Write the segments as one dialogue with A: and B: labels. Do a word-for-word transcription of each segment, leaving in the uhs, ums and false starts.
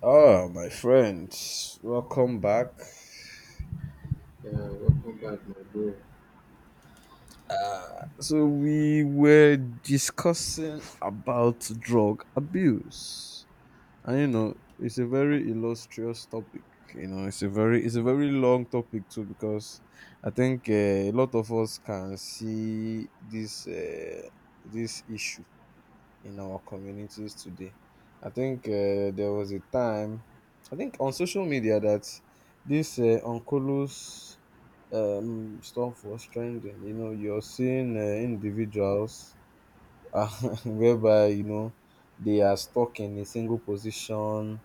A: Ah, my friends, welcome back.
B: Yeah, welcome back, my bro.
A: So we were discussing about drug abuse, and you know, it's a very illustrious topic. You know, it's a very it's a very long topic too, because I think uh, a lot of us can see this uh, this issue in our communities today. I think uh, there was a time, I think on social media, that this uh, oncolos um, stuff was trending. You know, you're seeing uh, individuals, uh, whereby you know they are stuck in a single position.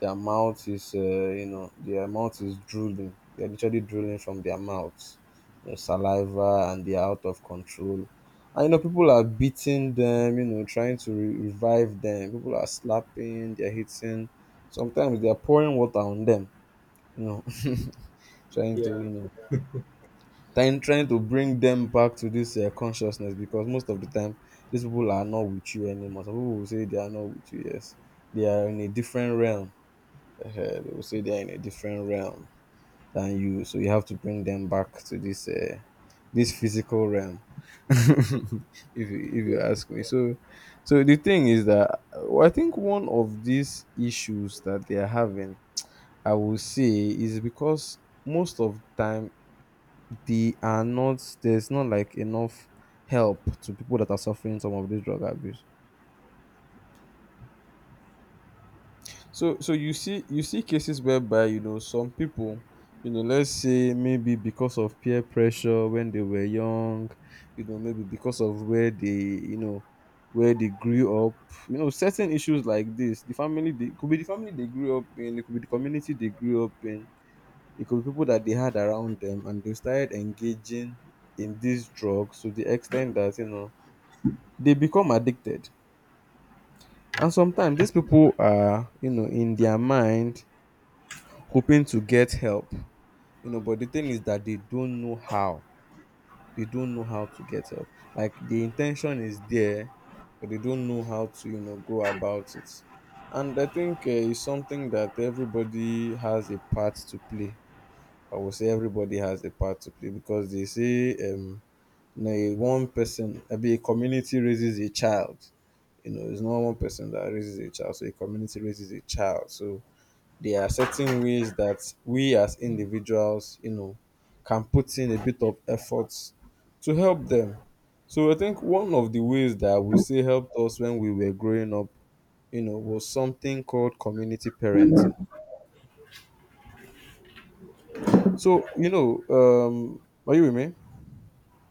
A: Their mouth is, uh, you know, their mouth is drooling. They're literally drooling from their mouths, their saliva, and they're out of control. And you know, people are beating them. You know, trying to re- revive them. People are slapping. They're hitting. Sometimes they are pouring water on them. You know, trying to,
B: Yeah,
A: you know, trying trying to bring them back to this uh, consciousness, because most of the time these people are not with you anymore. Some people will say they are not with you. Yes, they are in a different realm. Uh, they will say they are in a different realm than you. So you have to bring them back to this uh, this physical realm, if you if you
B: yeah,
A: ask me. So so the thing is that, uh, I think one of these issues that they are having, I will say, is because most of the time, they are not, there's not, like, enough help to people that are suffering some of this drug abuse. So so you see you see cases whereby you know some people, you know let's say, maybe because of peer pressure when they were young, you know maybe because of where they, you know where they grew up, you know certain issues like this. The family, they, it could be the family they grew up in, it could be the community they grew up in, it could be people that they had around them, and they started engaging in this drug to the extent that you know they become addicted. And sometimes these people are, you know in their mind, hoping to get help, you know but the thing is that they don't know how, they don't know how to get help. Like, the intention is there, but they don't know how to, you know go about it. And I think uh, it's something that everybody has a part to play. I would say everybody has a part to play, because they say, um you know, a one person, maybe a community raises a child. You know, it's not one person that raises a child, so a community raises a child. So there are certain ways that we, as individuals, you know, can put in a bit of efforts to help them. So I think one of the ways that I would say helped us when we were growing up, you know, was something called community parenting. So, you know, um, are you with me?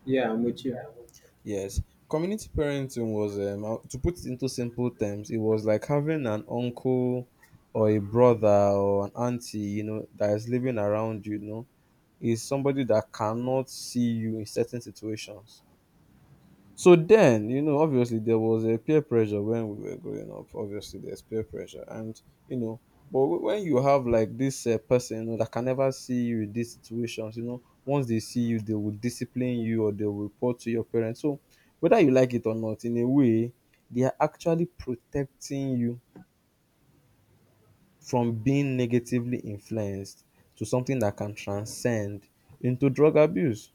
B: Yeah, I'm with you.
A: Yes, community parenting was, um how- to put it into simple terms, it was like having an uncle or a brother or an auntie, you know, that is living around you, you know, is somebody that cannot see you in certain situations. So then, you know, obviously there was a peer pressure when we were growing up. Obviously, there's peer pressure, and you know, but wh- when you have, like, this uh, person, you know, that can never see you in these situations, you know, once they see you, they will discipline you, or they will report to your parents. So, whether you like it or not, in a way, they are actually protecting you from being negatively influenced to something that can transcend into drug abuse.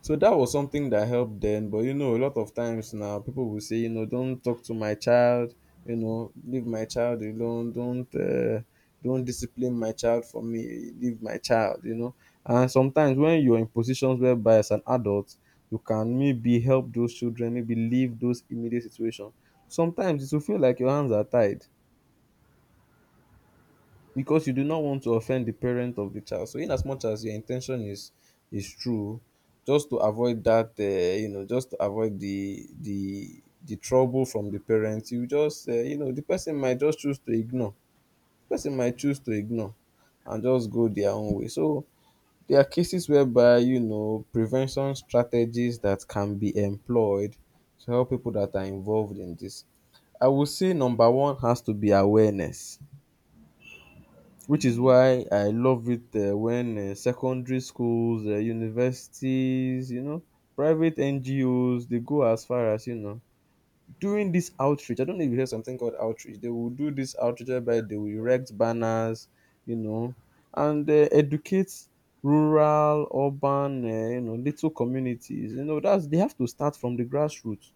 A: So that was something that helped then. But you know, a lot of times now people will say, you know, don't talk to my child, you know, leave my child alone, don't, uh, don't discipline my child for me, leave my child, you know. And sometimes when you're in positions whereby, as an adult, you can maybe help those children, maybe leave those immediate situations. Sometimes it will feel like your hands are tied, because you do not want to offend the parent of the child. So in as much as your intention is is true, just to avoid that, uh, you know, just to avoid the the the trouble from the parents, you just, uh, you know, the person might just choose to ignore. The person might choose to ignore and just go their own way. So there are cases whereby you know prevention strategies that can be employed to help people that are involved in this. I would say number one has to be awareness, which is why I love it um when um secondary schools, um universities, you know, private N G Os, they go as far as, you know, doing this outreach. I don't know if you hear something called outreach. They will do this outreach whereby they will erect banners, you know, and um educate rural, urban, um you know, little communities. You know, that's, they have to start from the grassroots.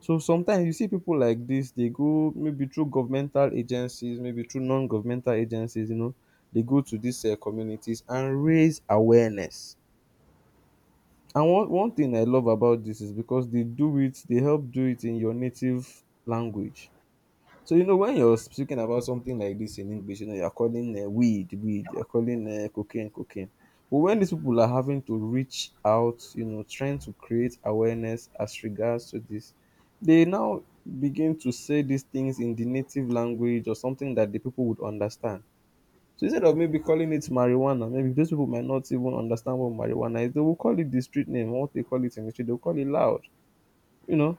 A: So sometimes you see pipu like dis dey go, maybe through governmental agencies, maybe through non-governmental agencies, you know, dey go to dis um communities and raise awareness. And one one thing I love about dis is because dey do it, dey help do it in your native language. So you know when you're speaking about something like this in English, you know you're calling, uh, weed weed, you're calling, uh, cocaine cocaine. But when these people are having to reach out, you know, trying to create awareness as regards to this, they now begin to say these things in the native language, or something that the people would understand. So instead of maybe calling it marijuana, maybe those people might not even understand what marijuana is. They will call it the street name, what they call it in the street. They'll call it loud, you know.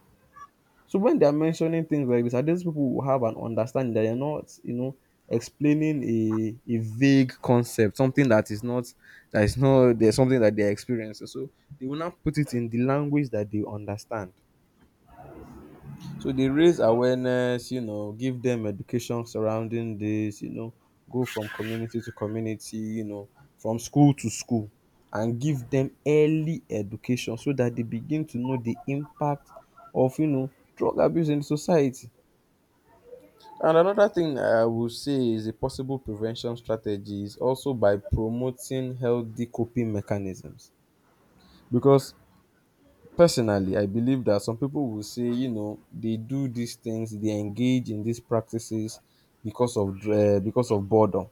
A: So when they are mentioning things like this, at least people will have an understanding that they are not, you know, explaining a, a vague concept, something that is not, that is not, there's something that they're experiencing. So they will now put it in the language that they understand. So they raise awareness, you know, give them education surrounding this, you know, go from community to community, you know, from school to school, and give them early education so that they begin to know the impact of, you know, drug abuse in society. And another thing I will say is a possible prevention strategy, is also by promoting healthy coping mechanisms. Because personally, I believe that some people will say, you know, they do these things, they engage in these practices because of dr- eh, because of boredom.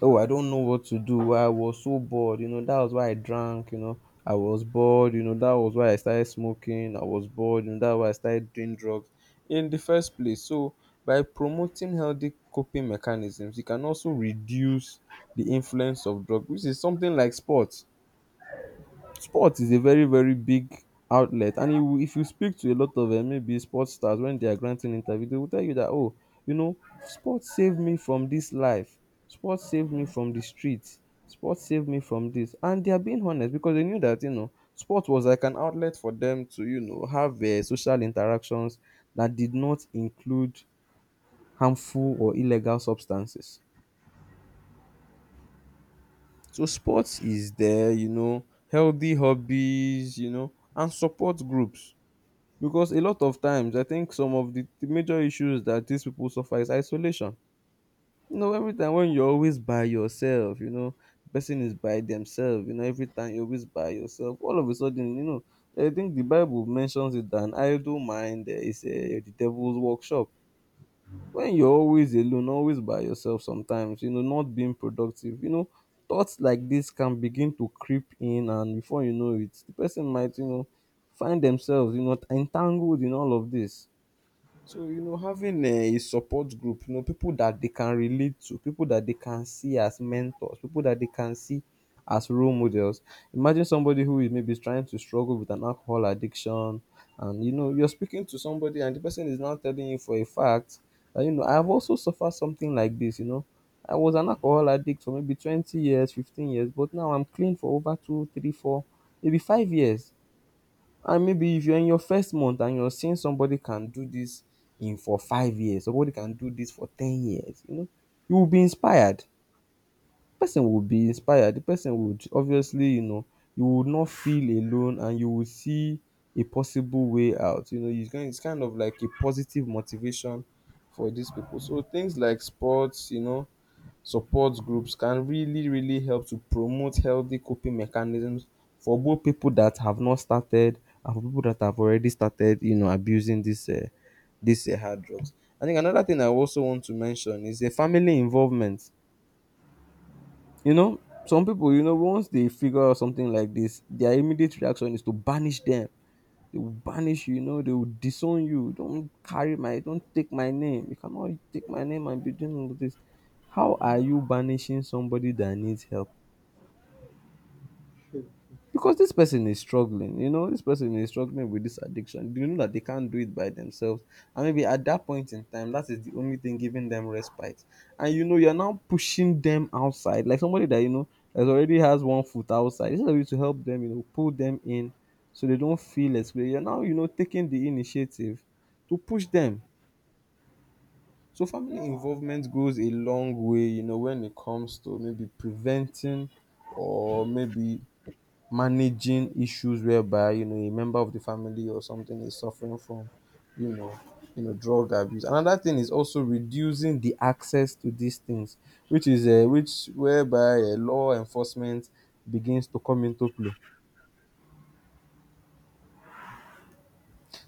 A: Oh, I don't know what to do. I was so bored. You know, that was why I drank. You know, I was bored. You know, that was why I started smoking. I was bored. You know, that's why I started doing drugs in the first place. So, by promoting healthy coping mechanisms, you can also reduce the influence of drugs, which is something like sports. Sports is a very, very big outlet, and you, if you speak to a lot of um maybe sports stars when they are granting interview, they will tell you that, "Oh, you know, sports saved me from this life. Sports saved me from the streets. Sports saved me from this." And they are being honest, because they knew that, you know, sport was like an outlet for them to, you know, have um social interactions that did not include harmful or illegal substances. So sports is there, you know, healthy hobbies, you know, and support groups. Because a lot of times, I think some of the, the major issues that these people suffer is isolation. You know, every time when you're always by yourself, you know, the person is by themselves, you know, every time you're always by yourself, all of a sudden, you know, I think the Bible mentions it, that an idle mind eh, is eh, the devil's workshop. When you're always alone, always by yourself sometimes, you know, not being productive, you know, thoughts like this can begin to creep in, and before you know it, the person might, you know, find themselves, you know, entangled in all of this. So, you know, having a support group, you know, people that they can relate to, people that they can see as mentors, people that they can see as role models. Imagine somebody who is maybe trying to struggle with an alcohol addiction, and you know, you're speaking to somebody, and the person is now telling you for a fact that, you know, I've also suffered something like this, you know. I was an alcohol addict for maybe twenty years, fifteen years, but now I'm clean for over two, three, four, maybe five years. And maybe if you're in your first month and you're seeing somebody can do this in for five years, somebody can do this for ten years, you know, you will be inspired. Person will be inspired. The person would obviously, you know, you would not feel alone and you will see a possible way out. You know, it's kind, it's kind of like a positive motivation for these people. So things like sports, you know, support groups can really really help to promote healthy coping mechanisms for both people that have not started and for people that have already started, you know, abusing this uh, this uh, hard drugs. I think another thing I also want to mention is the family involvement, you know. Some people, you know, once they figure out something like this, their immediate reaction is to banish them. They will banish you, you know, they will disown you. Don't carry my, don't take my name. You cannot take my name and be doing all this. How are you banishing somebody that needs help? Because this person is struggling, you know, this person is struggling with this addiction, you know, that they can't do it by themselves, and maybe at that point in time that is the only thing giving them respite. And you know, you're now pushing them outside like somebody that, you know, that already has one foot outside. Instead of you to help them, you know, pull them in so they don't feel excluded, you're now, you know, taking the initiative to push them. So family involvement goes a long way, you know, when it comes to maybe preventing or maybe managing issues whereby, you know, a member of the family or something is suffering from, you know you know, drug abuse. Another thing is also reducing the access to these things, which is uh, which whereby uh, law enforcement begins to come into play.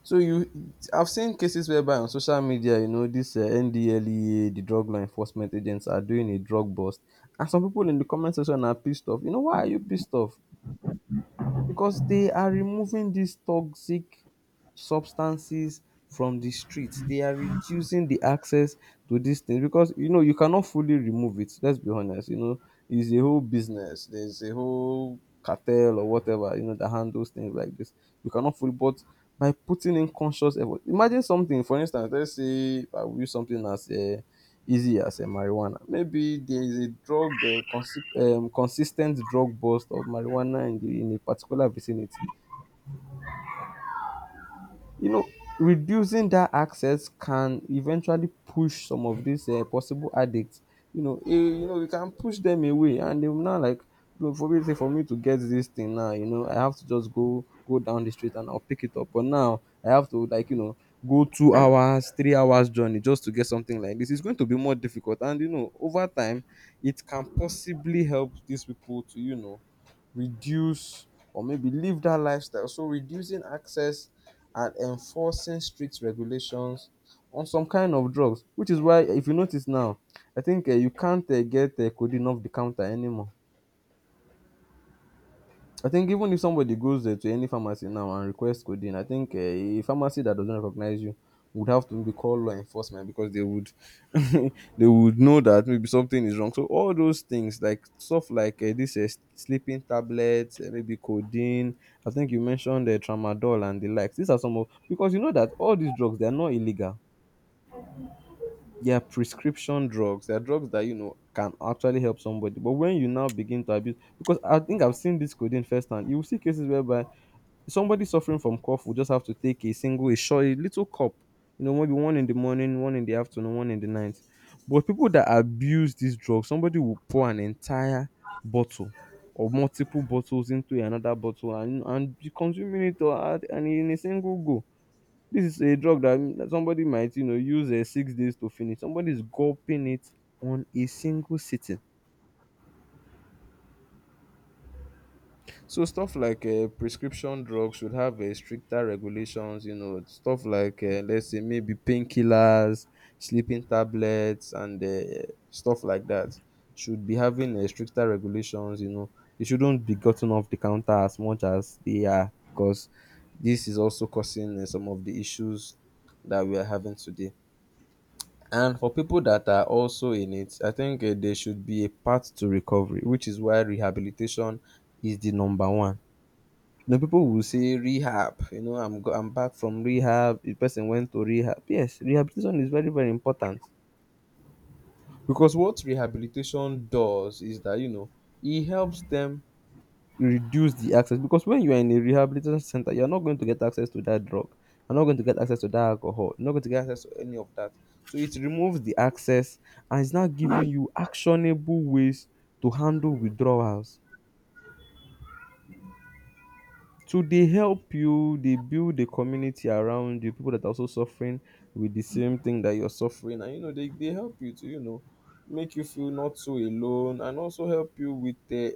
A: So you I've seen cases whereby on social media, you know, this uh, NDLEA, the drug law enforcement agents are doing a drug bust, and some people in the comment section are pissed off. You know, why are you pissed off? Because they are removing these toxic substances from the streets. They are reducing the access to these things because you know you cannot fully remove it. Let's be honest. You know, it's a whole business. There's a whole cartel or whatever, you know, that handles things like this. You cannot fully, but by putting in conscious effort, imagine something. For instance, let's say I will use something as a easy as um marijuana. Maybe there is a drug um consi- um, consis ten t drug bust of marijuana in the, in a particular vicinity. You know, reducing that access can eventually push some of these uh, possible addicts, you know, eh, you know, we can push them away, and they will now like, you know, for me say for me to get this thing now, you know, I have to just go go down the street and I'll pick it up, but now I have to, like, you know, go two hours, three hours journey just to get something like this. It's going to be more difficult, and you know, over time, it can possibly help these people to, you know, reduce or maybe live that lifestyle. So reducing access and enforcing strict regulations on some kind of drugs, which is why if you notice now, I think uh, you can't uh, get uh, codeine off the counter anymore. I think even if somebody goes uh, to any pharmacy now and requests codeine, I think uh, a pharmacy that doesn't recognize you would have to be called law enforcement because they would they would know that maybe something is wrong. So all those things like stuff like uh, this uh, sleeping tablets, uh, maybe codeine. I think you mentioned the uh, tramadol and the likes. These are some of, because you know that all these drugs, they are not illegal. They are prescription drugs. They are drugs that, you know, can actually help somebody. But when you now begin to abuse, because I think I've seen this codeine firsthand, you will see cases whereby somebody suffering from cough will just have to take a single, a short, a little cup. You know, maybe one in the morning, one in the afternoon, one in the night. But people that abuse this drug, somebody will pour an entire bottle or multiple bottles into another bottle and and be consuming it, or add- and in a single go. This is a drug that that somebody might, you know, use uh, six days to finish. Somebody is gulping it on a single sitting. So stuff like uh, prescription drugs should have uh, stricter regulations, you know, stuff like uh, let's say maybe painkillers, sleeping tablets, and uh, stuff like that should be having uh, stricter regulations. You know, they shouldn't be gotten off the counter as much as they are because this is also causing uh, some of the issues that we are having today. And for people that are also in it, I think uh, there should be a path to recovery, which is why rehabilitation is the number one. The people will say rehab. You know, I'm go, I'm back from rehab. The person went to rehab. Yes, rehabilitation is very very important because what rehabilitation does is that, you know, it helps them reduce the access. Because when you are in a rehabilitation center, you are not going to get access to that drug. You're not going to get access to that alcohol. You're not going to get access to any of that. So it removes the access, and it's now giving you actionable ways to handle withdrawals. To dey help you dey build a community around you, people that are also suffering with the same thing that you're suffering, and you know they, they help you to, you know, make you feel not so alone, and also help you with uh,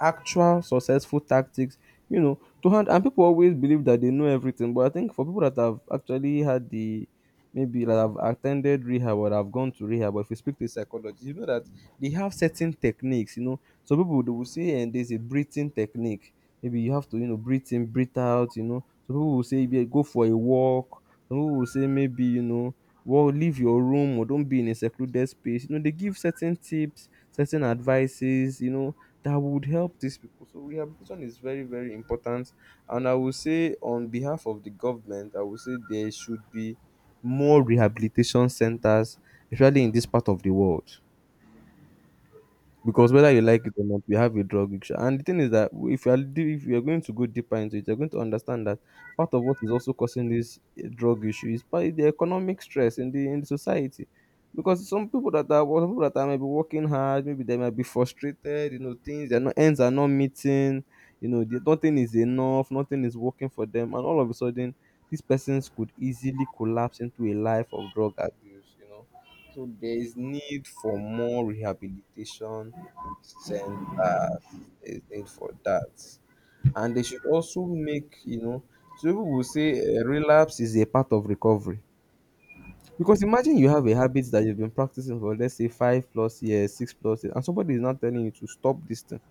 A: actual successful tactics, you know, to hand. And people always believe that they know everything. But I think for people that have actually had the, maybe that have attended rehab or have gone to rehab, or if you speak to a psychologist, you know that they have certain techniques, you know. Some people they will say, and there's a breathing technique. Maybe you have to, you know, breathe in, breathe out, you know. Some people will say, yeah, go for a walk. Some people will say maybe, you know, well, leave your room or don't be in a secluded space. You know, they give certain tips, certain advices, you know, that would help these people. So rehabilitation is very, very important. And I will say, on behalf of the government, I will say there should be more rehabilitation centers, especially in this part of the world because whether you like it or not, we have a drug issue. And the thing is that if you are de- if you are going to go deeper into it, you're going to understand that part of what is also causing this eh, drug issue is by the economic stress in the in the society. Because some people that are some people that are maybe working hard, maybe they might be frustrated, you know, things they're not, ends are not meeting, you know, the, nothing is enough, nothing is working for them, and all of a sudden these persons could easily collapse into a life of drug abuse, you know. So there is need for more rehabilitation centers, is need for that. And they should also make, you know, so people will say, uh, relapse is a part of recovery. Because imagine you have a habit that you've been practicing for, let's say, five plus years, six plus years, and somebody is now telling you to stop this thing.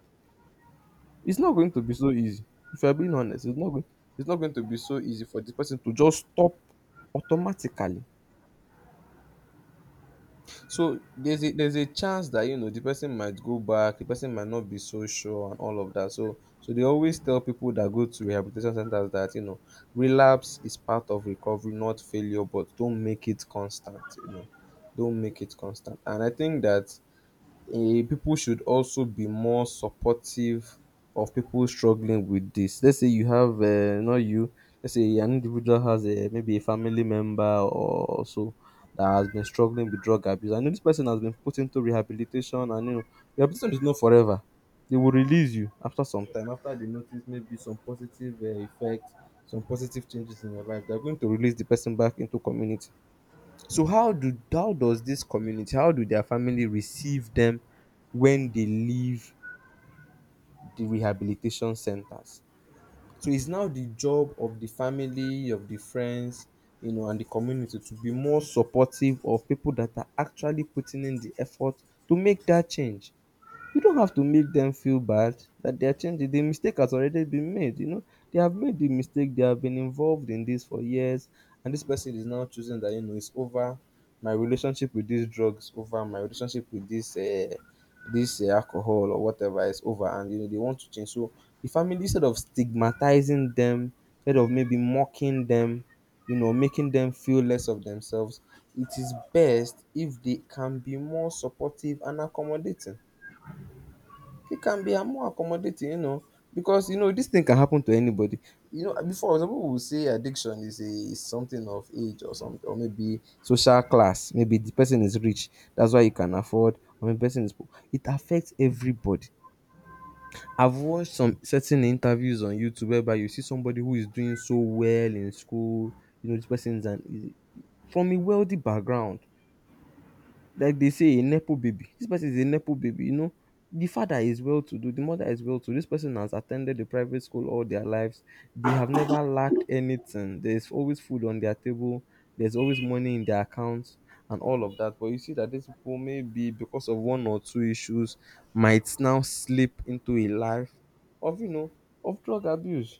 A: It's not going to be so easy. If you're being honest, it's not going, it's not going to be so easy for this person to just stop automatically. So there's a there's a chance that, you know, the person might go back, the person might not be so sure, and all of that. So so they always tell people that go to rehabilitation centers that, you know, relapse is part of recovery, not failure, but don't make it constant, you know. Don't make it constant. And I think that eh, people should also be more supportive of people struggling with this. Let's say you have, uh, not you, let's say an individual has a, maybe a family member or so that has been struggling with drug abuse. I know this person has been put into rehabilitation, and you know, rehabilitation is not forever. They will release you after some time, after they notice maybe some positive uh, effects, some positive changes in your life. They're going to release the person back into community, so how do how does this community, how do their family receive them when they leave the rehabilitation centers? So it's now the job of the family, of the friends, you know, and the community to be more supportive of people that are actually putting in the effort to make that change. You don't have to make them feel bad that they are changing. The mistake has already been made. You know, they have made the mistake. They have been involved in this for years, and this person is now choosing that you know it's over. My relationship with this drug is over. My relationship with this uh, this uh, alcohol or whatever is over, and you know they want to change. So the family, instead of stigmatizing them, instead of maybe mocking them, you know, making them feel less of themselves, it is best if they can be more supportive and accommodating. It can be I more accommodating, you know, because you know this thing can happen to anybody. You know, before some people will say addiction is a is something of age or something, or maybe social class. Maybe the person is rich, that's why he can afford, or maybe person is poor. It affects everybody. I've watched some certain interviews on YouTube whereby you see somebody who is doing so well in school. You know, this person is an is from a wealthy background, like they say, a nepo baby. This person is a nepo baby, you know. The father is well to do, the mother is well to do. This person has attended the private school all their lives. They have never lacked anything. There's always food on their table, there's always money in their accounts, and all of that. But you see that these people, maybe because of one or two issues, might now slip into a life of, you know, of drug abuse,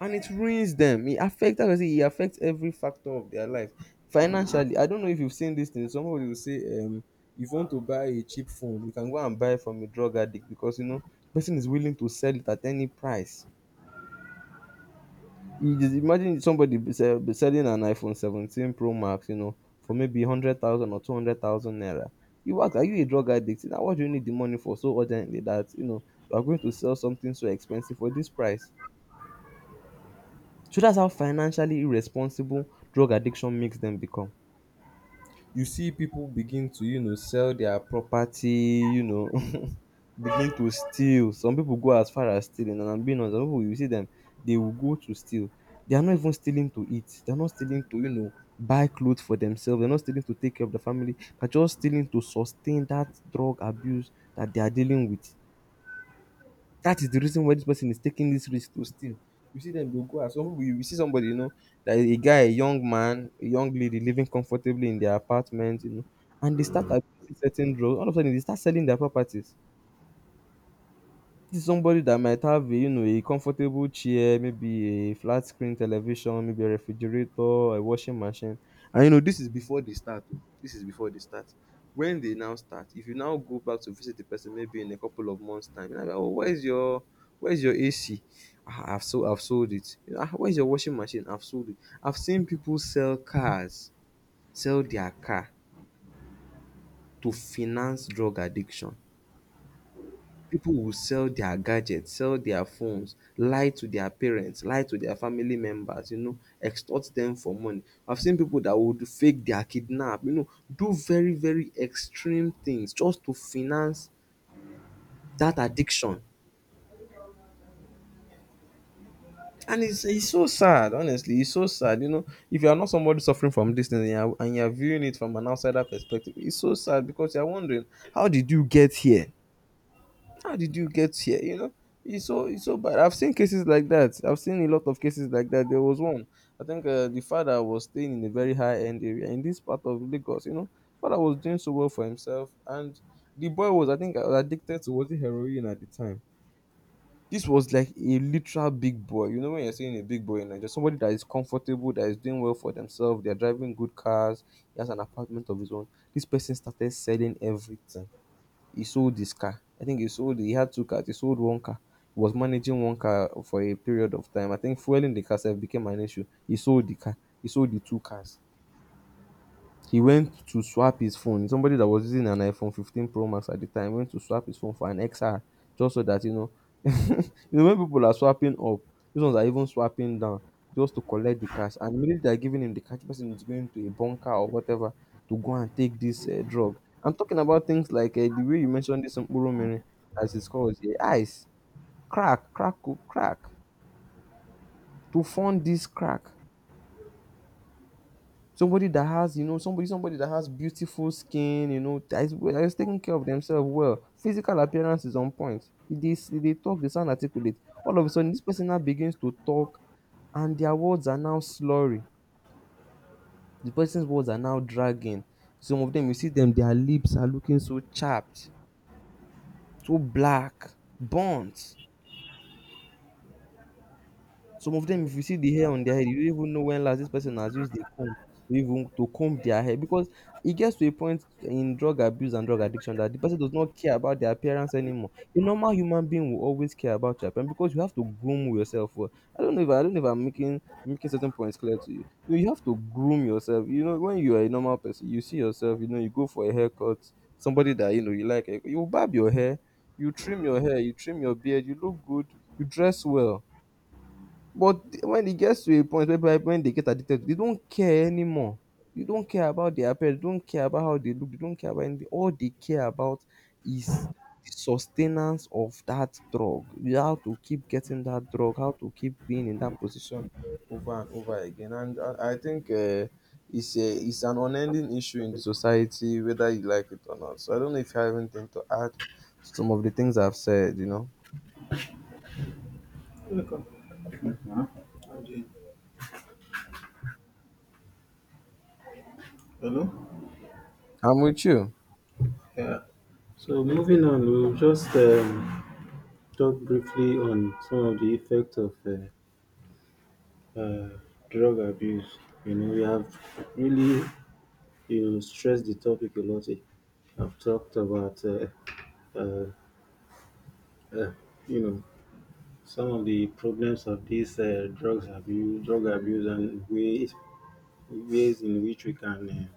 A: and it ruins them. It affects, like I say, it affects every factor of their life. Financially, I don't know if you've seen this thing. Somebody will say, um, if you want to buy a cheap phone, you can go and buy from a drug addict because you know person is willing to sell it at any price. You just imagine somebody be sell, be selling an iPhone seventeen Pro Max, you know, for maybe hundred thousand or two hundred thousand naira. You ask, are you a drug addict? Now, what do you need the money for so urgently that you know you are going to sell something so expensive for this price? So that's how financially irresponsible drug addiction makes them become. You see people begin to, you know, sell their property, you know, begin to steal. Some people go as far as stealing, and I'm being honest, some people you see them, they will go to steal. They are not even stealing to eat. They're not stealing to, you know, buy clothes for themselves. They're not stealing to take care of the family. They're just stealing to sustain that drug abuse that they are dealing with. That is the reason why this person is taking this risk to steal. You see them, they'll go out. Some people, you you see somebody, you know, that a guy, a young man, a young lady living comfortably in their apartment, you know, and they start abusing certain drugs. All of a sudden, they start selling their properties. This is somebody that might have a, you know, a comfortable chair, maybe a flat screen television, maybe a refrigerator, a washing machine. And you know, this is before they start. Oh. This is before they start. When they now start, if you now go back to visit the person maybe in a couple of months' time, you're like, oh, where's your where's your A C? Ah, I've sold I've sold it. You know, "Ah, where's your washing machine? I've sold it." I've seen people sell cars, sell their car to finance drug addiction. People will sell their gadgets, sell their phones, lie to their parents, lie to their family members, you know, extort them for money. I've seen people that would fake their kidnap, you know, do very, very extreme things just to finance that addiction. And it's, it's so sad, honestly. It's so sad. You know, if you are not somebody suffering from this thing and you're, and you're viewing it from an outsider perspective, it's so sad because you're wondering, how did you get here? How did you get here? You know, it's so it's so bad. I've seen cases like that. I've seen a lot of cases like that. There was one. I think uh, the father was staying in a very high end area in this part of Lagos. You know, father was doing so well for himself, and the boy was, I think, uh, addicted to, was it heroin at the time. This was like a literal big boy. You know when you're saying a big boy in Nigeria, somebody that is comfortable, that is doing well for themselves, they're driving good cars, he has an apartment of his own. This person started selling everything, he sold his car. I think he sold he had two cars. He sold one car. He was managing one car for a period of time. I think fueling the car sef became an issue. He sold the car. He sold the two cars. He went to swap his phone. Somebody that was using an iPhone fifteen Pro Max at the time went to swap his phone for an X R just so that, you know, you know when people are swapping up, these ones are even swapping down just to collect the cash. And immediately they're giving him the cash, the person is going to a bunker or whatever to go and take this uh, drug. I'm talking about things like uh, the way you mentioned this Mkpurumiri, as it's called here, ice, crack, crack, oh, crack, to fund this crack. Somebody that has, you know, somebody somebody that has beautiful skin, you know, that is, that is taking care of themselves well. Physical appearance is on point. They, they talk, they sound articulate. All of a sudden, this person now begins to talk, and their words are now slurry. The person's words are now dragging. Some of them, you see them, their lips are looking so chapped, so black, burnt. Some of them, if you see the hair on their head, you don't even know when last this person has used a comb to even to comb their hair because it gets to a point in drug abuse and drug addiction that the person does not care about their appearance anymore. A normal human being will always care about your appearance because you have to groom yourself. Well, I don't know if I don't know if I'm making making certain points clear to you. You know, you have to groom yourself. You know, when you are a normal person, you see yourself. You know, you go for a haircut. Somebody that you know you like, you barb your hair, you trim your hair, you trim your beard, you look good, you dress well, but when it gets to a point where people- when they get addicted, they don't care anymore. They don't care about their appearance, they don't care about how they look, they don't care about anything. All they care about is the sustenance of that drug. How to keep getting that drug, how to keep being in that position over and over again. And I, I think uh, it's a it's an unending issue in the society, whether you like it or not. So I don't know if you have anything to add to some of the things I've said, you know.
B: Welcome. Huh? How do you- Hello.
A: I'm with you.
B: Yeah. So moving on, we'll just um, talk briefly on some of the effects of uh, uh, drug abuse. You know, we have really, you know, stressed the topic a lot. I've talked about uh, uh, uh, you know, some of the problems of this uh, drugs abuse, drug abuse, and ways ways in which we can, uh,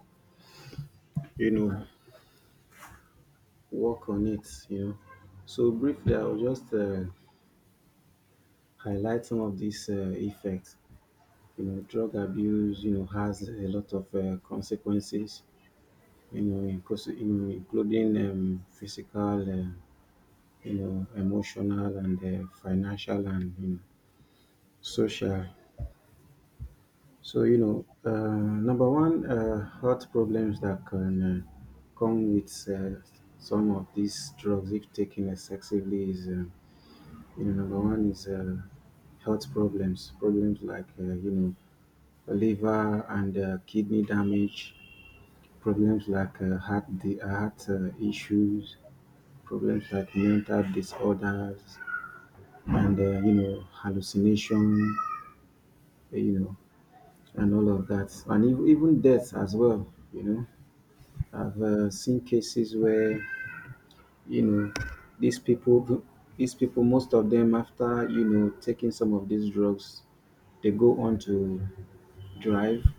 B: you know, work on it, you know. So briefly, I'll just uh, highlight some of these uh, effects. You know, drug abuse, you know, has a lot of uh, consequences. You know, inclus- you know, including um, physical, uh, you know, emotional, and uh, financial, and, you know, social. So you know, uh, number one, uh, health problems that can uh, come with uh, some of these drugs if taken excessively is, uh, you know, number one is uh, health problems, problems like, uh, you know, liver and uh, kidney damage, problems like uh, heart the heart uh, issues, problems like mental disorders, and uh, you know, hallucination, you know, and all of that, and ev- even death as well. You know, I've uh, seen cases where, you know, these people these people most of them, after, you know, taking some of these drugs, they go on to drive.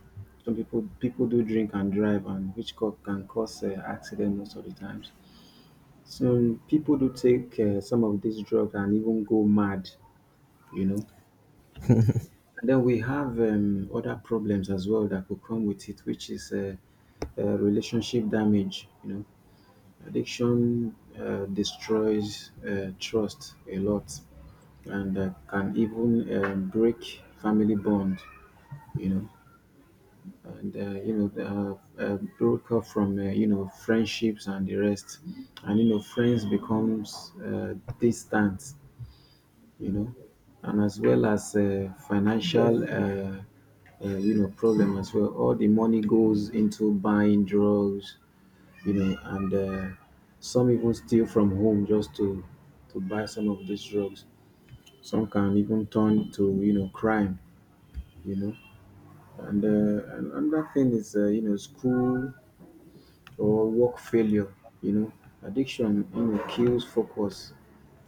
B: Some people people do drink and drive, and which co- can cause uh, accident most of the times. Some people do take uh, some of these drugs and even go mad, you know. And then we have, um, other problems as well that could come with it, which is uh, uh, relationship damage. You know, addiction uh, destroys uh, trust a lot and uh, can even um, break family bond. You know, and uh, you know, the, uh, uh, broke up from, uh, you know, friendships and the rest, and, you know, friends becomes uh, distant, you know, and as well as uh, financial uh, uh, you know, problem as well. All the money goes into buying drugs, you know, and uh, some even steal from home just to to buy some of these drugs. Some can even turn to, you know, crime, you know. And uh, an- another thing is uh, you know, school or work failure. You know, addiction, you know, kills focus.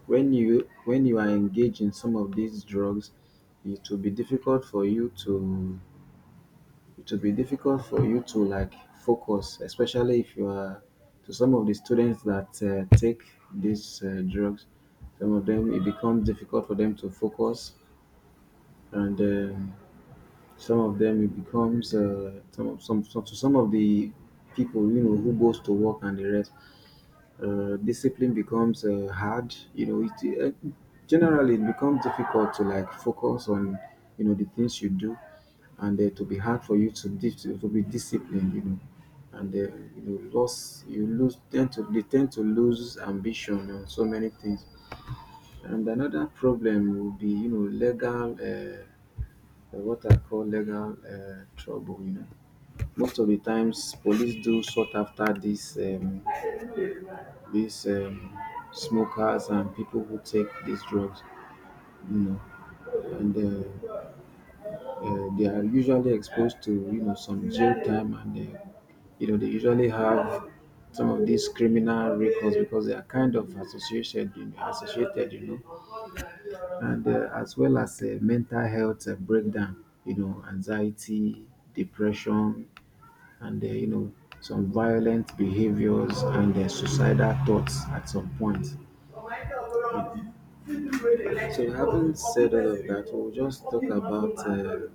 B: When you, when you are engaged in some of these drugs, it will be difficult for you to, it will be difficult for you to like focus, especially if you are, to some of the students that uh, take these uh, drugs, some of them it becomes difficult for them to focus. And um some of them it becomes, uh, some, some, some to some of the people, you know, who goes to work and the rest, uh, discipline becomes uh, hard, you know. It uh, generally it becomes difficult to like focus on, you know, the things you do, and uh, to be hard for you to dis to be disciplined, you know. And uh, you know, loss you lose tend to, they tend to lose ambition on so many things. And another problem will be, you know, legal, uh, what I call legal uh, trouble, you know. Most of the times police do sort after this um, these um, smokers and people who take these drugs, you know, and uh, uh, they are usually exposed to, you know, some jail time and, uh, you know, they usually have some of these criminal records because they are kind of associated, you know, associated, you know. And uh, as well as uh, mental health uh, breakdown, you know, anxiety, depression, and, uh, you know, some violent behaviors and uh, suicidal thoughts at some point. You. So, having said all of that, we'll just talk about uh,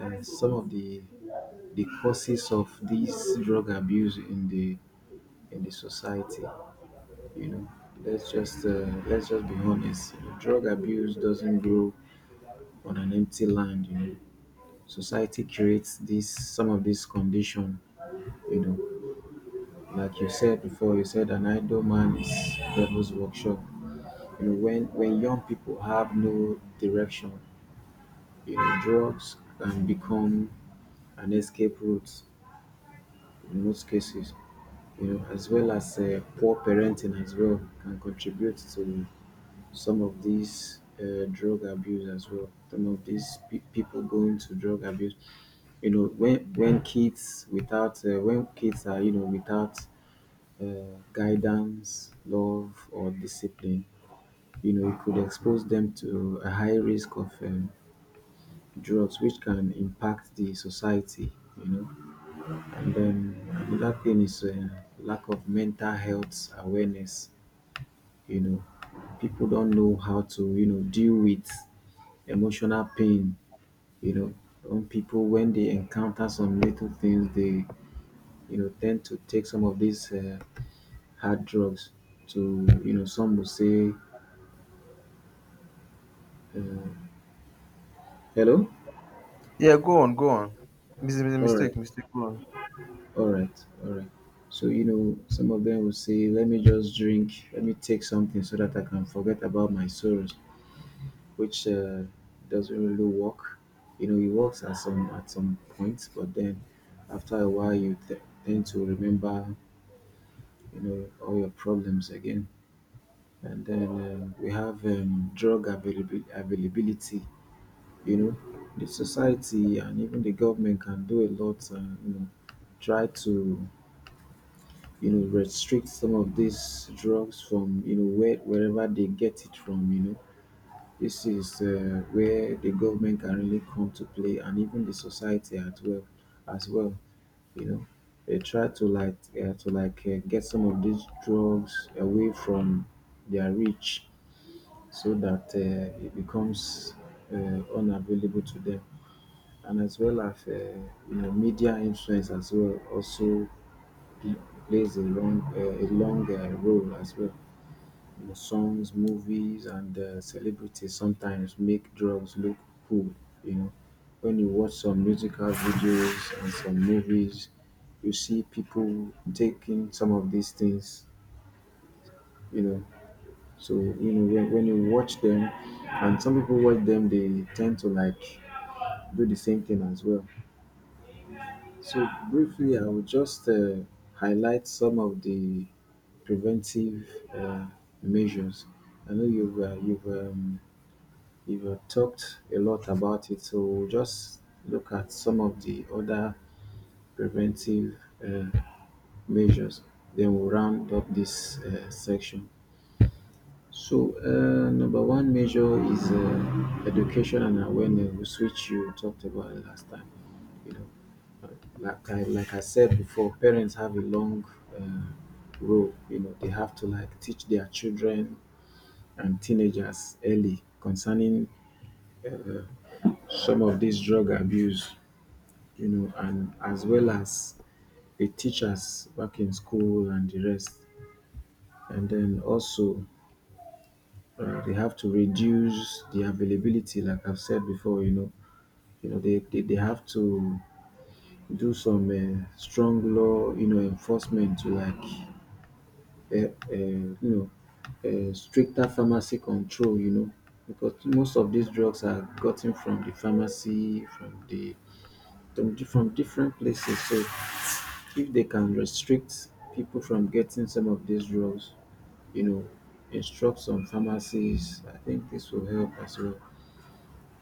B: uh, some of the the causes of this drug abuse in the in the society. You know, let's just uh, let's just be honest. You know, drug abuse doesn't grow on an empty land. You know, society creates this some of this condition. You know, like you said before, you said an idle man is devil's workshop. You know, when when young people have no direction, you know, drugs can become an escape route in most cases, you know, as well as uh, poor parenting as well can contribute to some of these uh, drug abuse as well. Some of these pe- people going to drug abuse, you know, when when kids without uh, when kids are, you know, without uh, guidance, love, or discipline, you know, it could expose them to a high risk of um, drugs, which can impact the society, you know. And then another thing is uh, lack of mental health awareness. You know, people don't know how to, you know, deal with emotional pain. You know, some people when they encounter some little things, they, you know, tend to take some of these uh, hard drugs to, you know, some will say, uh, hello,
A: Yeah, go on, go on. Mis- mis-
B: all right,
A: mistake, mistake, go on.
B: all right, all right. So, you know, some of them will say, let me just drink, let me take something so that I can forget about my sorrows, which uh, doesn't really work. You know, it works at some at some points, but then after a while, you th- tend to remember, you know, all your problems again. And then um, we have, um, drug availabil- availability. You know, the society and even the government can do a lot. Uh, you know, try to, you know, restrict some of these drugs from, you know, where, wherever they get it from. You know, this is uh, where the government can really come to play, and even the society as well. As well, you know, they try to like uh, to like uh, get some of these drugs away from their reach, so that uh, it becomes uh, unavailable to them. And as well as uh, you know, media influence as well also pl- plays a long, uh, a long uh, role as well, you know. Songs, movies, and uh, celebrities sometimes make drugs look cool. You know, when you watch some musical videos and some movies, you see people taking some of these things. You know, so you know when, when you watch them, and some people watch them, they tend to like do the same thing as well. So briefly, I will just uh, highlight some of the preventive uh, measures. I know you've uh, you've um, you have talked a lot about it, so we'll just look at some of the other preventive uh, measures. Then we'll round up this uh, section. So, uh, number one measure is uh, education and awareness, which you talked about last time. You know, uh, like I, like I said before, parents have a long uh, role. You know, they have to like teach their children and teenagers early concerning uh, some of this drug abuse, you know, and as well as the teachers back in school and the rest. And then also uh, they have to reduce the availability, like I've said before, you know. You know, they, they, they have to do some uh, strong law, you know, enforcement to like, uh, uh, you know, uh, stricter pharmacy control, you know, because most of these drugs are gotten from the pharmacy, from the from, di- from different places. So if they can restrict people from getting some of these drugs, you know, instruct some pharmacies, I think this will help as well,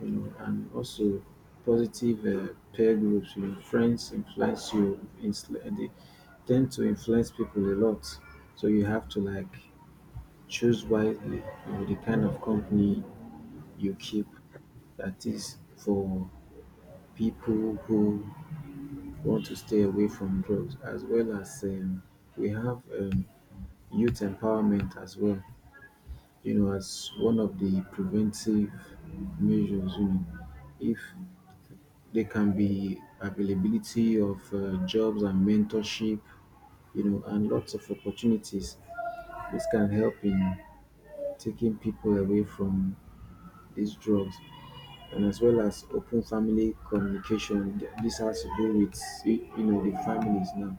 B: you know. And also positive uh, peer groups, you know, friends influence you, insl- uh, they tend to influence people a lot. So you have to like choose wisely, you know, the kind of company you keep, that is for people who want to stay away from drugs. As well as um, we have um, youth empowerment as well, you know, as one of the preventive measures, you know. If there can be availability of uh, jobs and mentorship, you know, and lots of opportunities, this can help in taking people away from these drugs. And as well as open family communication. This has to do with, you know, the families now,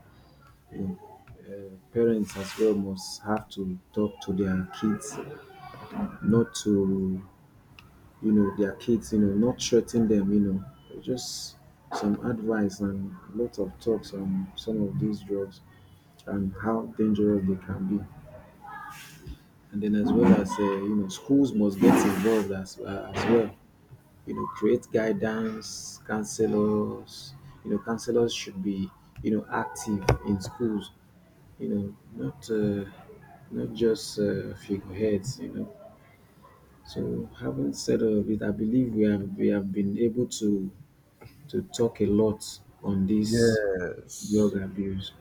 B: you know, uh, parents as well must have to talk to their kids, not to, you know, their kids, you know, not threaten them, you know, just some advice and lots of talks on some of these drugs and how dangerous they can be. And then as well as, uh, you know, schools must get involved as, uh, as well. You know, create guidance, counselors. You know, counselors should be, you know, active in schools. You know, not uh, not just uh, figureheads, you know. So having said all of it, I believe we have we have been able to to talk a lot on this
A: Yes.
B: drug abuse.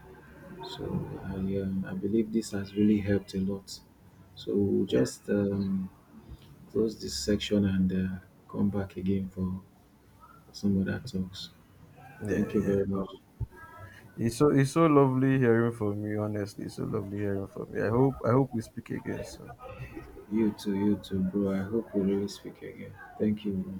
B: So I, um, I believe this has really helped a lot. So we'll
A: Yeah,
B: just um, close this section and uh, come back again for some other talks.
A: yeah,
B: Thank you
A: yeah.
B: very much.
A: Um, it's so it's so lovely hearing from you, honestly. It's so lovely hearing from you. I hope I hope we speak again soon.
B: You too, you too, bro. I hope we really speak again. Thank you. Bro.